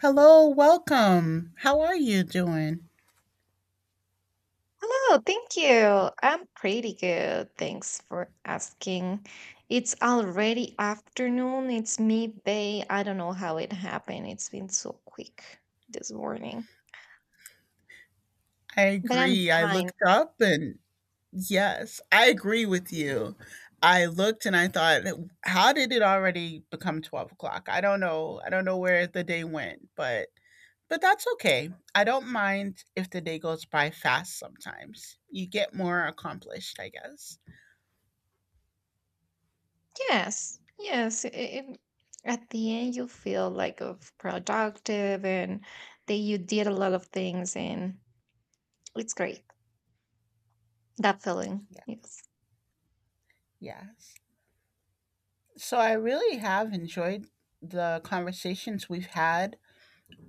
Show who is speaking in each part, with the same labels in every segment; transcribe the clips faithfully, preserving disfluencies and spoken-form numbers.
Speaker 1: Hello, welcome. How are you doing?
Speaker 2: Hello, thank you. I'm pretty good. Thanks for asking. It's already afternoon. It's midday. I don't know how it happened. It's been so quick this morning,
Speaker 1: I
Speaker 2: but I'm
Speaker 1: agree. I
Speaker 2: fine.
Speaker 1: looked up and yes, I agree with you. I looked and I thought, how did it already become twelve o'clock? I don't know. I don't know where the day went, but but that's okay. I don't mind if the day goes by fast sometimes. You get more accomplished, I guess.
Speaker 2: Yes, yes. i- i- at the end, you feel like of productive and that you did a lot of things, and it's great. That feeling.
Speaker 1: Yeah.
Speaker 2: Yes.
Speaker 1: Yes. So I really have enjoyed the conversations we've had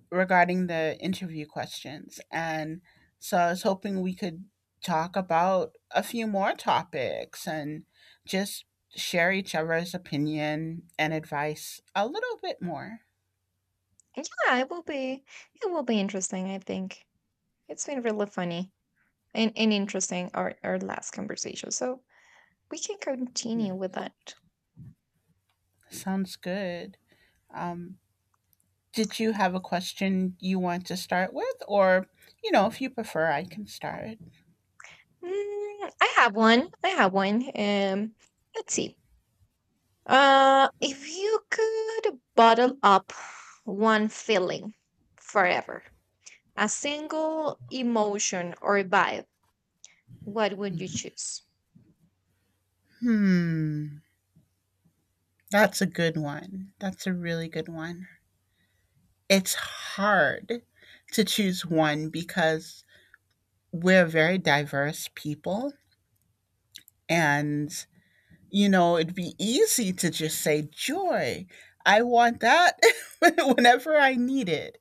Speaker 1: regarding the interview questions. And so I was hoping we could talk about a few more topics and just share each other's opinion and advice a little bit more.
Speaker 2: And Yeah, it will be. It will be interesting. I think it's been really funny. and, and interesting our, our last conversation. So we can
Speaker 1: Yeah.
Speaker 2: continue with that.
Speaker 1: Sounds good. Um, did you have a question you want to start with? Or, you know, if you prefer, I can start.
Speaker 2: Mm, I have one. I have one. Um, let's see. Uh, if you could bottle up one feeling forever, a single emotion or vibe, what would you choose?
Speaker 1: Hmm. That's a good one. That's a really good one. It's hard to choose one because we're very diverse people and you know it'd be easy to just say joy. I want that whenever I need it,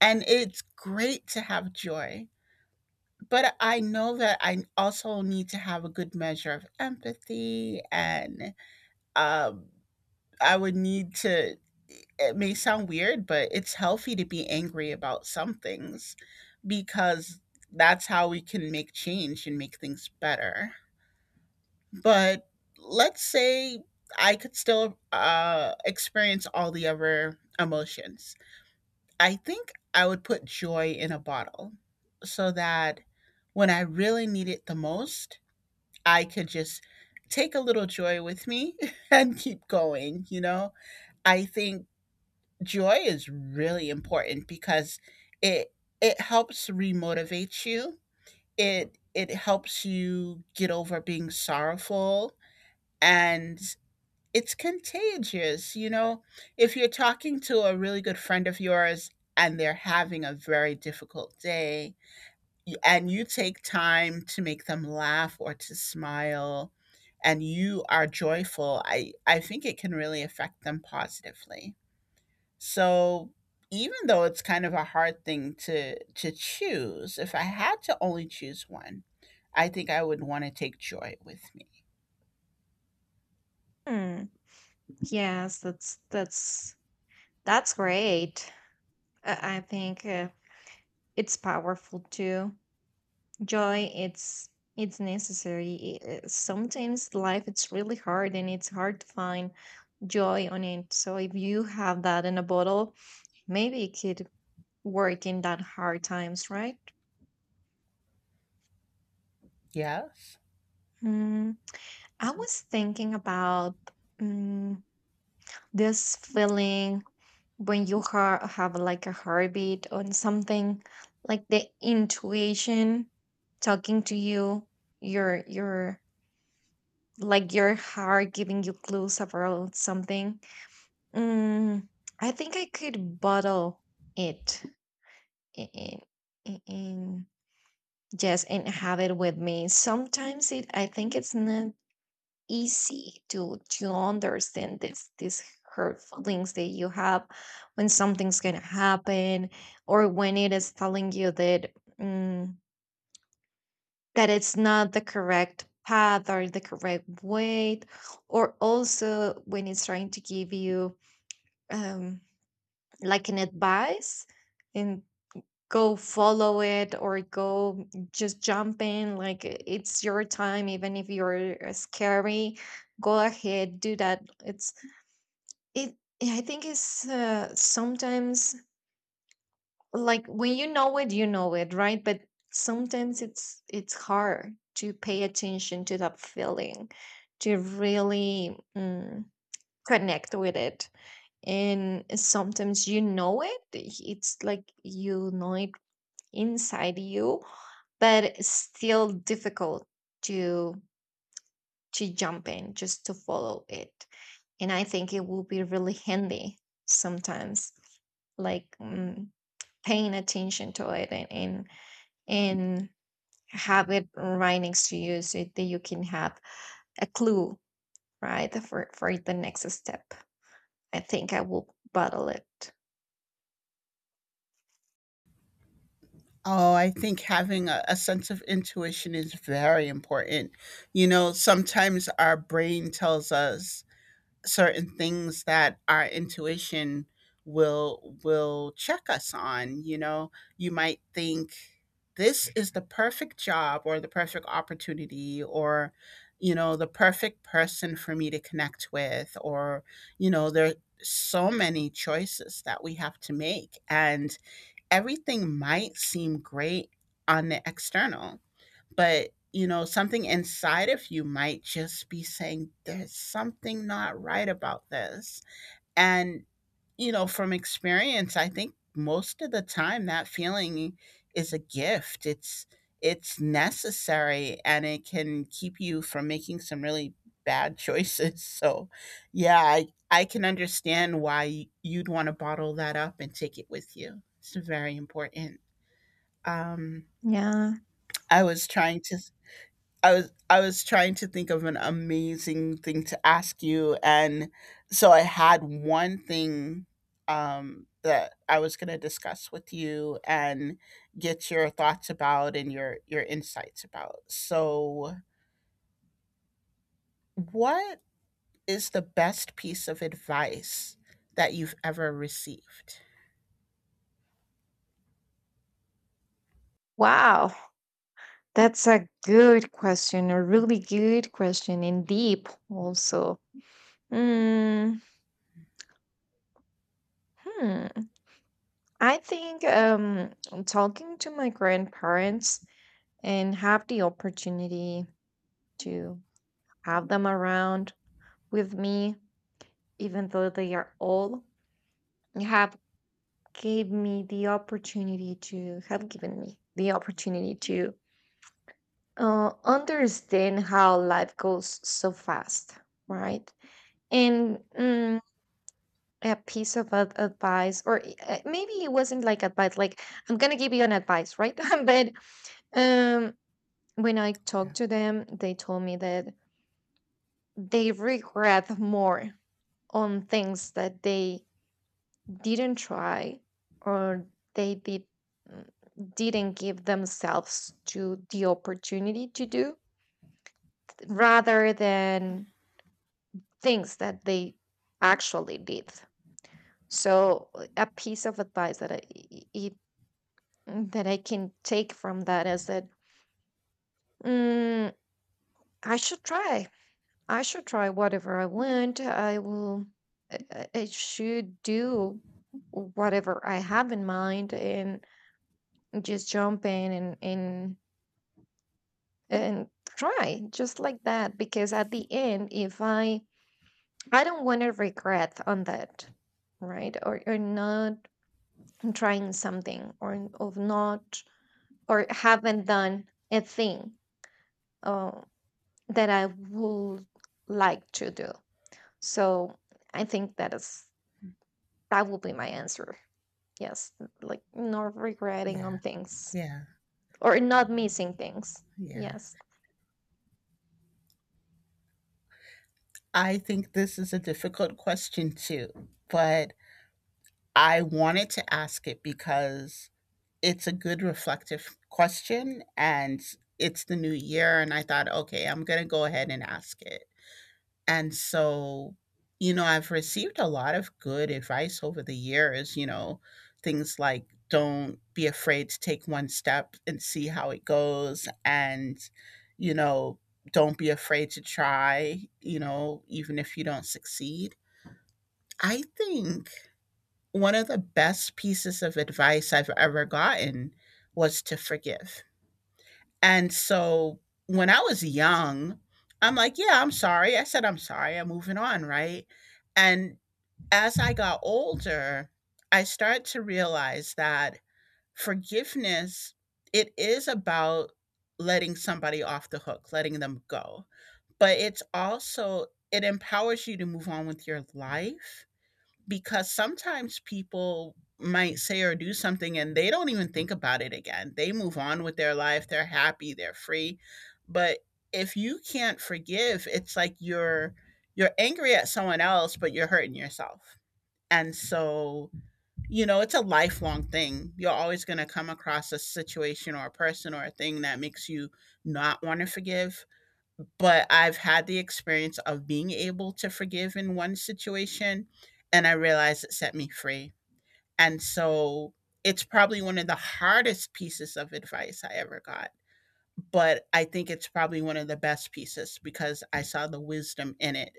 Speaker 1: and it's great to have joy, but I know that I also need to have a good measure of empathy. And um, I would need to, it may sound weird, but it's healthy to be angry about some things because that's how we can make change and make things better. But let's say I could still uh, experience all the other emotions. I think I would put joy in a bottle so that when I really need it the most, I could just take a little joy with me and keep going. You know, I think joy is really important because it it helps remotivate you. It it helps you get over being sorrowful, and it's contagious, you know? If you're talking to a really good friend of yours and they're having a very difficult day, y- and you take time to make them laugh or to smile, and you are joyful, I, I think it can really affect them positively. So even though it's kind of a hard thing to to choose, if I had to only choose one, I think I would want to take joy with me.
Speaker 2: Hmm. Yes, that's that's that's great. I, I think uh, it's powerful too. Joy, it's it's necessary. I- uh, sometimes life, it's really hard and it's hard to find joy on it. So if you have that in a bottle, maybe it could work in that hard times, right?
Speaker 1: Yes.
Speaker 2: Hmm. I was thinking about, mm, this feeling when you ha- have like a heartbeat on something, like the intuition talking to you, your your like your heart giving you clues about something. Mm, I think I could bottle it i- in, in, yes, and have it with me. Sometimes it, I think it's not easy to to understand this these hurt feelings that you have when something's gonna happen, or when it is telling you that, mm, that it's not the correct path or the correct weight, or also when it's trying to give you, um, like an advice, and go follow it, or go just jump in, like i- it's your time. Even if you're uh, scary, go ahead, do that. It's it I think it's uh, sometimes, like, when you know it, you know it, right? But sometimes it's it's hard to pay attention to that feeling, to really, mm, connect with it. And sometimes you know it, it's like you know it inside you, but it's still difficult to to jump in just to follow it. And I think it will be really handy sometimes, like, mm, paying attention to it, and, and and have it right next to you so that you can have a clue, right? For for the next step. I think I will bottle it.
Speaker 1: Oh, I think having a, a sense of intuition is very important. You know, sometimes our brain tells us certain things that our intuition will will check us on, you know. You might think this is the perfect job or the perfect opportunity, or you know, the perfect person for me to connect with, or you know, there are so many choices that we have to make, and everything might seem great on the external, but you know, something inside of you might just be saying, there's something not right about this. And, you know, from experience, I think most of the time that feeling is a gift. It's, it's necessary and it can keep you from making some really bad choices. So, yeah, I, I can understand why you'd want to bottle that up and take it with you. It's very important. Um,
Speaker 2: Yeah.
Speaker 1: I was trying to I was I was trying to think of an amazing thing to ask you, and so I had one thing, um, that I was gonna discuss with you and get your thoughts about and your your insights about. So, what is the best piece of advice that you've ever received?
Speaker 2: Wow. That's a good question, a really good question, and deep also. Mm, hmm. I think, um, talking to my grandparents and have the opportunity to have them around with me, even though they are old, have gave me the opportunity to have given me the opportunity to uh, understand how life goes so fast, right? And, mm, a piece of ad- advice, or i- uh, maybe it wasn't like advice, like, I'm gonna give you an advice, right? But, um, when I
Speaker 1: Yeah.
Speaker 2: talked to them, they told me that they regret more on things that they didn't try, or they did, mm, didn't give themselves to the opportunity to do, rather than things that they actually did. So, uh, a piece of advice that i i- i- that i can take from that is that, mm, i should try I should try whatever I want. i will i, I I should do whatever I have in mind, and just jump in and and and try just like that, because at the end, if i I don't want to regret on that, right? Or or not trying something, or of not, or haven't done a thing, uh, that I would like to do. So I think that is, that will be my answer. Yes, like not regretting
Speaker 1: Yeah.
Speaker 2: on things,
Speaker 1: Yeah.
Speaker 2: or not missing things.
Speaker 1: Yeah.
Speaker 2: Yes.
Speaker 1: I think this is a difficult question too, but I wanted to ask it because it's a good reflective question and it's the new year. And I thought, okay, I'm going to go ahead and ask it. And so, you know, I've received a lot of good advice over the years, you know, things like don't be afraid to take one step and see how it goes. And, you know, don't be afraid to try, you know, even if you don't succeed. I think one of the best pieces of advice I've ever gotten was to forgive. And so when I was young, I'm like, yeah, I'm sorry. I said, I'm sorry. I'm moving on. Right. And as I got older, I started to realize that forgiveness, it is about letting somebody off the hook, letting them go. But it's also, it empowers you to move on with your life because sometimes people might say or do something and they don't even think about it again. They move on with their life, they're happy, they're free. But if you can't forgive, it's like you're you're angry at someone else, but you're hurting yourself. And so, you know, it's a lifelong thing. You're always going to come across a situation or a person or a thing that makes you not want to forgive, but I've had the experience of being able to forgive in one situation, and I realized it set me free. And so it's probably one of the hardest pieces of advice I ever got, but I think it's probably one of the best pieces because I saw the wisdom in it,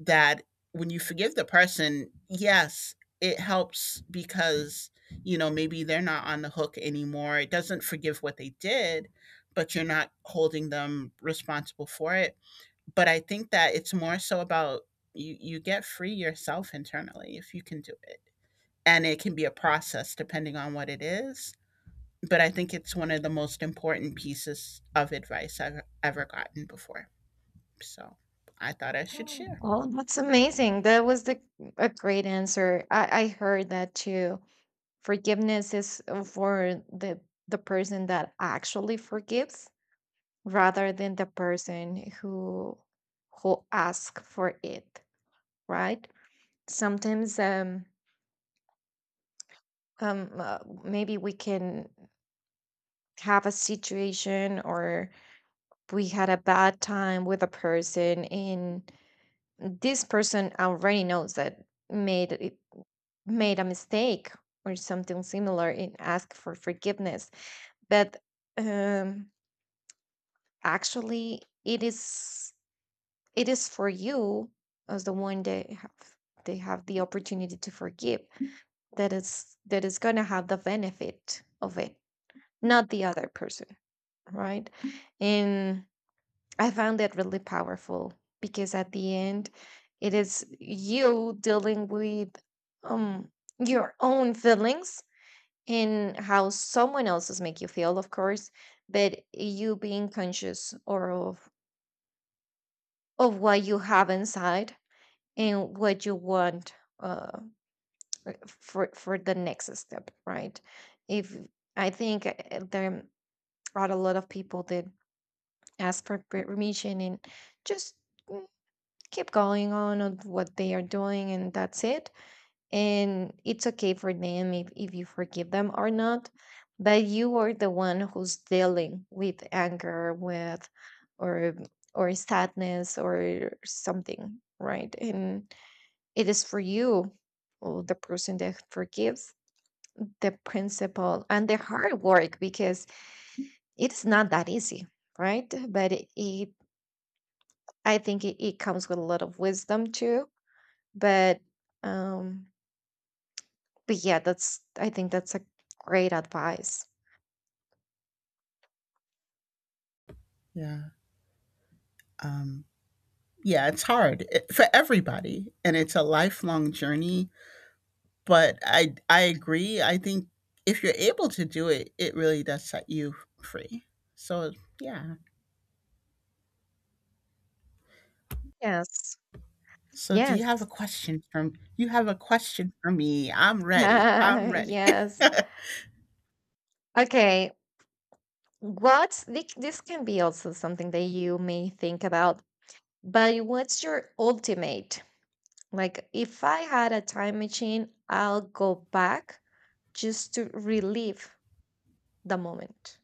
Speaker 1: that when you forgive the person, yes, it helps because, you know, maybe they're not on the hook anymore. It doesn't forgive what they did, but you're not holding them responsible for it, but I think that it's more so about you you get free yourself internally if you can do it. And it can be a process depending on what it is, but I think it's one of the most important pieces of advice I've ever gotten before. So, I thought I should
Speaker 2: Mm.
Speaker 1: share.
Speaker 2: Well, that's amazing. That was the, a great answer. I, I heard that too. Forgiveness is, uh, for the the person that actually forgives, rather than the person who who asks for it, right? Sometimes, um um uh, maybe we can have a situation, or we had a bad time with a person, and this person already knows that, made it made a mistake, or something similar, and ask for forgiveness. But, um actually it is, it is for you, as the one that have they have the opportunity to forgive, that is, that is going to have the benefit of it, not the other person, right? And I found that really powerful, because at the end, it is you dealing with, um your own feelings, in how someone else's make you feel, of course, but you being conscious, or of of what you have inside, and what you want, uh for for the next step, right? If, I think, uh, there are a lot of people that ask for per- permission, and just, mm, keep going on on what they are doing, and that's it. And it's okay for them, if, if you forgive them or not, but you are the one who's dealing with anger, with, or or sadness, or something, right? And it is for you, or the person that forgives, the principle and the hard work, because it's not that easy, right? But it, it I think it, it comes with a lot of wisdom too. but um But yeah, that's, I think that's a great advice.
Speaker 1: Yeah. Um yeah, it's hard it, for everybody and it's a lifelong journey, but I I agree. I think if you're able to do it, it really does set you free. So, yeah,
Speaker 2: Yes.
Speaker 1: so do you have a
Speaker 2: Yes.
Speaker 1: question from you have a question for me? I'm ready. I'm ready.
Speaker 2: Yes. Okay. What's thi- this can be also something that you may think about, but what's your ultimate? Like, if I had a time machine, I'll go back just to relive the moment.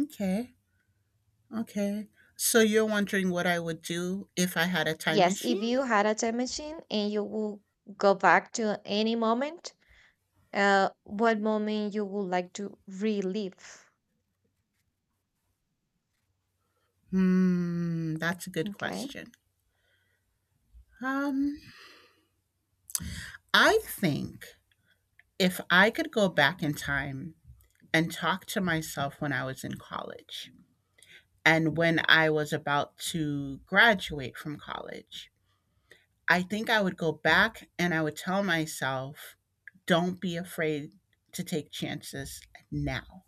Speaker 1: Okay. Okay. So you're wondering what I would do if I had a time
Speaker 2: Yes,
Speaker 1: machine?
Speaker 2: if you had a time machine and you will go back to any moment, uh, what moment you would like to relive?
Speaker 1: Hmm, that's a good
Speaker 2: Okay.
Speaker 1: question. Um, I think if I could go back in time and talk to myself when I was in college and when I was about to graduate from college, I think I would go back and I would tell myself, don't be afraid to take chances now.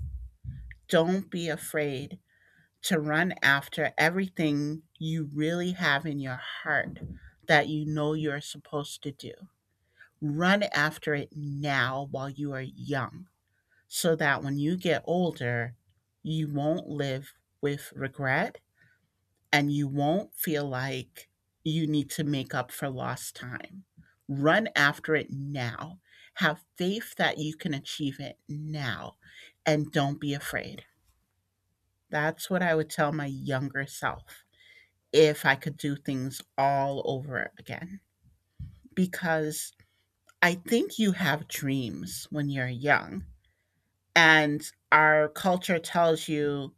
Speaker 1: Don't be afraid to run after everything you really have in your heart that you know you're supposed to do. Run after it now while you are young so that when you get older, you won't live with regret and you won't feel like you need to make up for lost time. Run after it now. Have faith that you can achieve it now and don't be afraid. That's what I would tell my younger self if I could do things all over again. Because I think you have dreams when you're young, and our culture tells you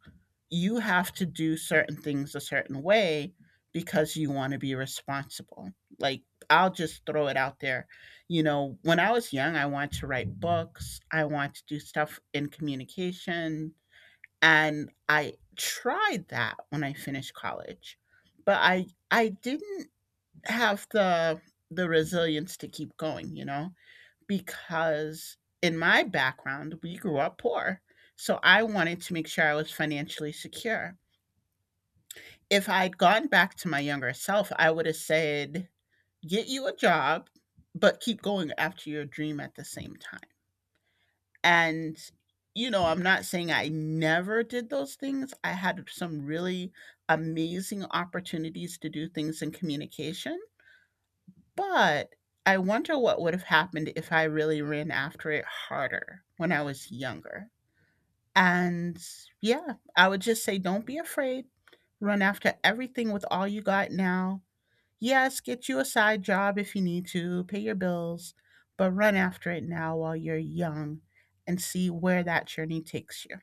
Speaker 1: you have to do certain things a certain way because you want to be responsible. Like, I'll just throw it out there. You know, when I was young, I wanted to write books, I wanted to do stuff in communication. And I tried that when I finished college, but I, I didn't have the the resilience to keep going, you know? Because in my background, we grew up poor. So I wanted to make sure I was financially secure. If I'd gone back to my younger self, I would have said, get you a job, but keep going after your dream at the same time. And, you know, I'm not saying I never did those things. I had some really amazing opportunities to do things in communication. But I wonder what would have happened if I really ran after it harder when I was younger. And yeah, I would just say don't be afraid. Run after everything with all you got now. Yes, get you a side job if you need to, pay your bills, but run after it now while you're young and see where that journey takes you.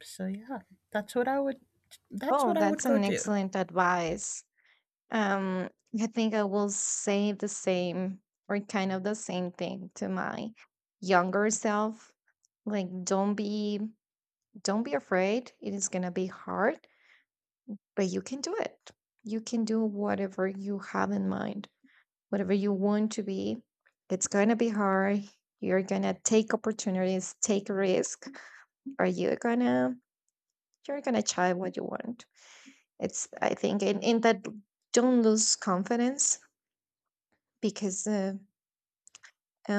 Speaker 1: So yeah, that's what I would that's
Speaker 2: Oh,
Speaker 1: what I would
Speaker 2: that's
Speaker 1: go
Speaker 2: an
Speaker 1: do.
Speaker 2: excellent advice. Um, I think I will say the same, or kind of the same thing to my younger self. Like, don't be don't be afraid. It is gonna be hard, but you can do it. You can do whatever you have in mind, whatever you want to be. It's gonna be hard. You're gonna take opportunities, take risk. Are you gonna You're gonna try what you want? It's, I think in and that, don't lose confidence, because uh, uh,